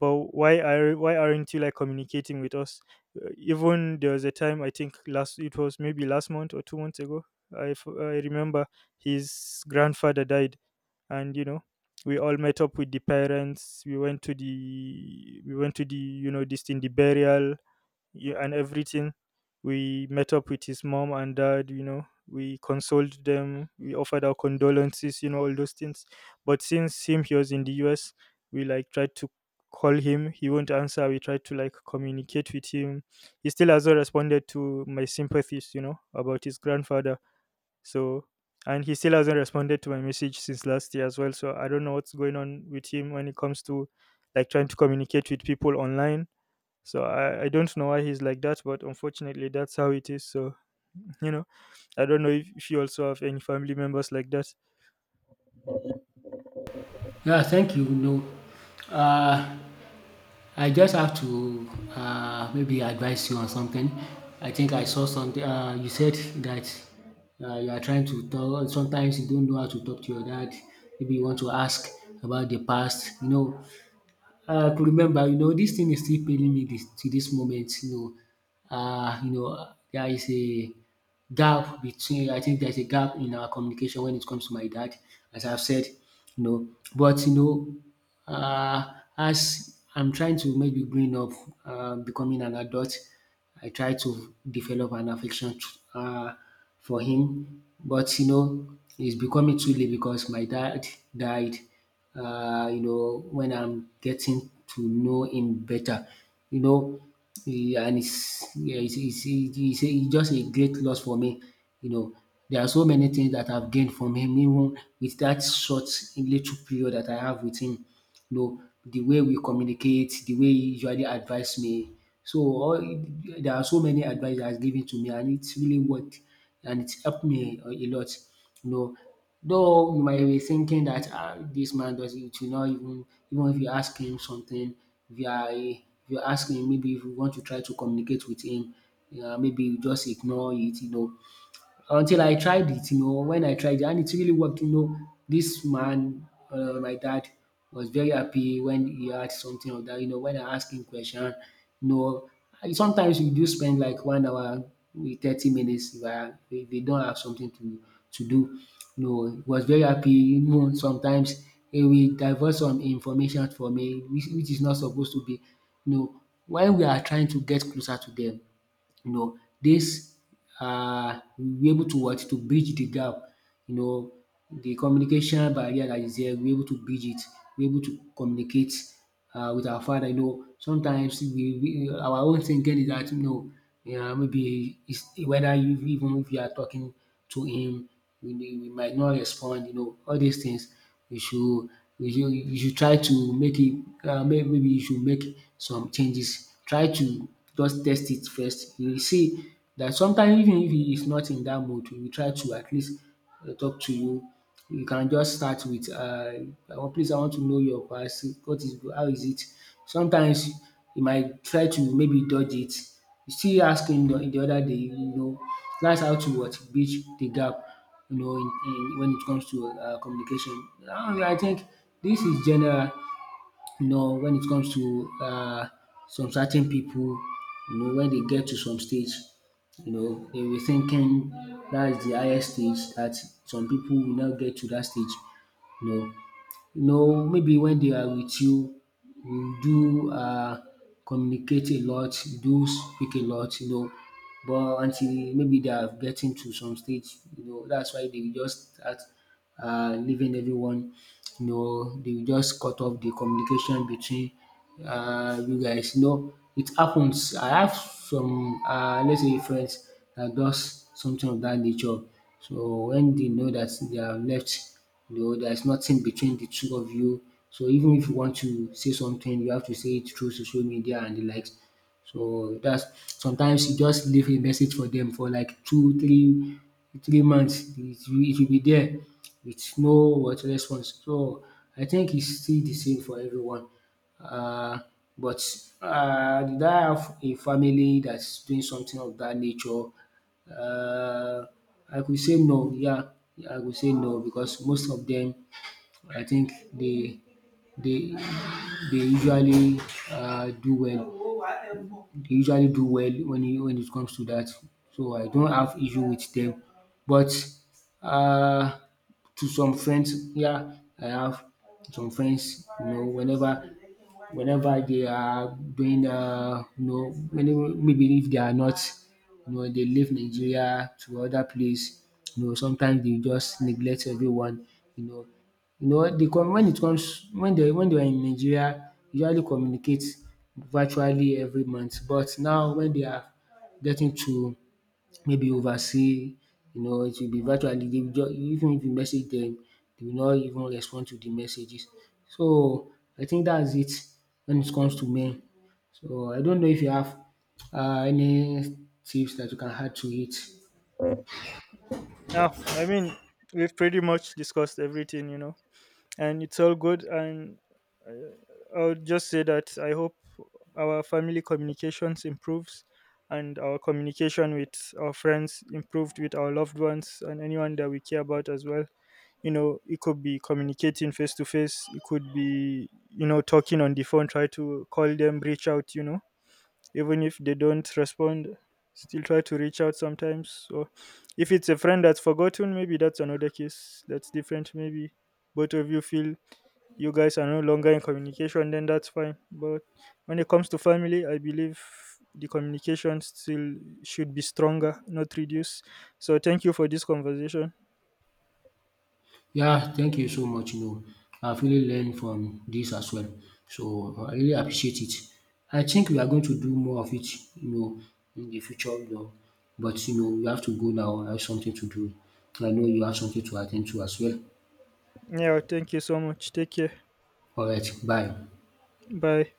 S2: but why aren't you, like, communicating with us? Even there was a time, I think last, it was maybe last month or 2 months ago, I remember his grandfather died, and, you know, we all met up with the parents. We went to the, you know, this thing, the burial, yeah, and everything. We met up with his mom and dad, you know, we consoled them, we offered our condolences, you know, all those things. But since him, he was in the US, we like tried to call him, he won't answer. We tried to like communicate with him. He still hasn't responded to my sympathies, you know, about his grandfather. So, and he still hasn't responded to my message since last year as well. So, I don't know what's going on with him when it comes to like trying to communicate with people online. So I don't know why he's like that, but unfortunately that's how it is. So, you know, I don't know if you also have any family members like that.
S1: Yeah, thank you. No, uh, I just have to maybe advise you on something. I think I saw something. You said that you are trying to talk. Sometimes you don't know how to talk to your dad. Maybe you want to ask about the past. You know, to remember, you know, this thing is still paining me this, to this moment, you know. There is a gap between, I think there's a gap in our communication when it comes to my dad, as I've said, you know. But, you know, as I'm trying to maybe growing up, becoming an adult, I try to develop an affection uh, for him. But, you know, it's becoming too late because my dad died you know, when I'm getting to know him better. You know, and yeah, it's just a great loss for me. You know, there are so many things that I've gained from him, even with that short little period that I have with him. You know, the way we communicate, the way he usually advise me. So all, there are so many advice that has given to me, and it's really worked, and it's helped me a lot. You know, though you might be thinking that ah dis man does it should not even even if you ask him something, if you are if you ask him maybe if you want to try to communicate with him, maybe you just ignore it until I tried it, you know, when I tried it and it really worked, you know, this man, my dad was very happy when he had something of that, you know, when I asked him question, you know, sometimes we do spend like 1 hour with 30 minutes if, if they don't have something to do. You know, he was very happy, you know, sometimes he will divert some information for me, which is not supposed to be, you know, when we are trying to get closer to them, you know, this we'll able to what to bridge the gap, you know, the communication barrier that is there we'll able to bridge it, we'll able to communicate with our father, you know. Sometimes we our own thinking is that you know yeah, maybe is whether you even if you are talking to him, we might not respond, you know, all these things you should you should try to make it maybe you should make some changes. Try to just test it first. You will see that sometimes even if he is not in that mood, he will try to at least talk to you. You can just start with “Please I want to know your past. What is how is it?” Sometimes you might try to maybe dodge it. You still ask him the other day, you know. That's how to what? Bridge the gap you know, in when it comes to communication. I think this is general you know when it comes to some certain people, you know when they get to some stage you know they were thinking that is the de highest stage that some people will not get to that stage you know you know, maybe when they are with you, you do communicate a lot, you do speak a lot, you know, but until maybe they are getting to some stage, you know, that's why they will just start leaving everyone, you know, they will just cut off the communication between you guys, you know. It happens. I have some let's say friends that does something of that nature. So when they know that they are left you know, there's nothing between the two of you. So even if you want to say something, you have to say it through social media and the likes. So that's sometimes you just leave a message for them for like two, three, 3 months. It will be there with no what response. So I think it's still the same for everyone. Uh, but did I have a family that's doing something of that nature? Uh, I could say no, yeah, I could say no because most of them, I think they, they usually do well they usually do well when it comes to that. So I don't have issue with them. But um to some friends, yeah, I have some friends, you know, whenever they are doing you know whenever maybe if they are not you know they leave Nigeria to other place you know sometimes they just neglect everyone you know you know they come when it comes when they were in Nigeria usually communicate virtually every month but now when they are getting to maybe overseas, you know it will be virtually dey will just, even if you message them, they will not even respond to the messages. So I think that's it when it comes to men. So I don't know if you have any tips that you can add to it.
S2: Now, I mean, we've pretty much discussed everything, you know. And it's all good. And I'll just say that I hope our family communications improves and our communication with our friends improved, with our loved ones and anyone that we care about as well. You know, it could be communicating face to face, it could be, you know, talking on the phone, try to call them, reach out, you know. Even if they don't respond, still try to reach out sometimes. So if it's a friend that's forgotten, maybe that's another case, that's different. Maybe both of you feel you guys are no longer in communication, then that's fine. But when it comes to family, I believe the communication still should be stronger, not reduced. So thank you for this conversation.
S1: Yeah, thank you so much. You know, I've really learned from this as well. So I really appreciate it. I think we are going to do more of it, you know, in the future, you know. But you know, we have to go now. I have something to do. I know you have something to attend to as well.
S2: Yeah, thank you so much. Take care.
S1: All right, bye.
S2: Bye.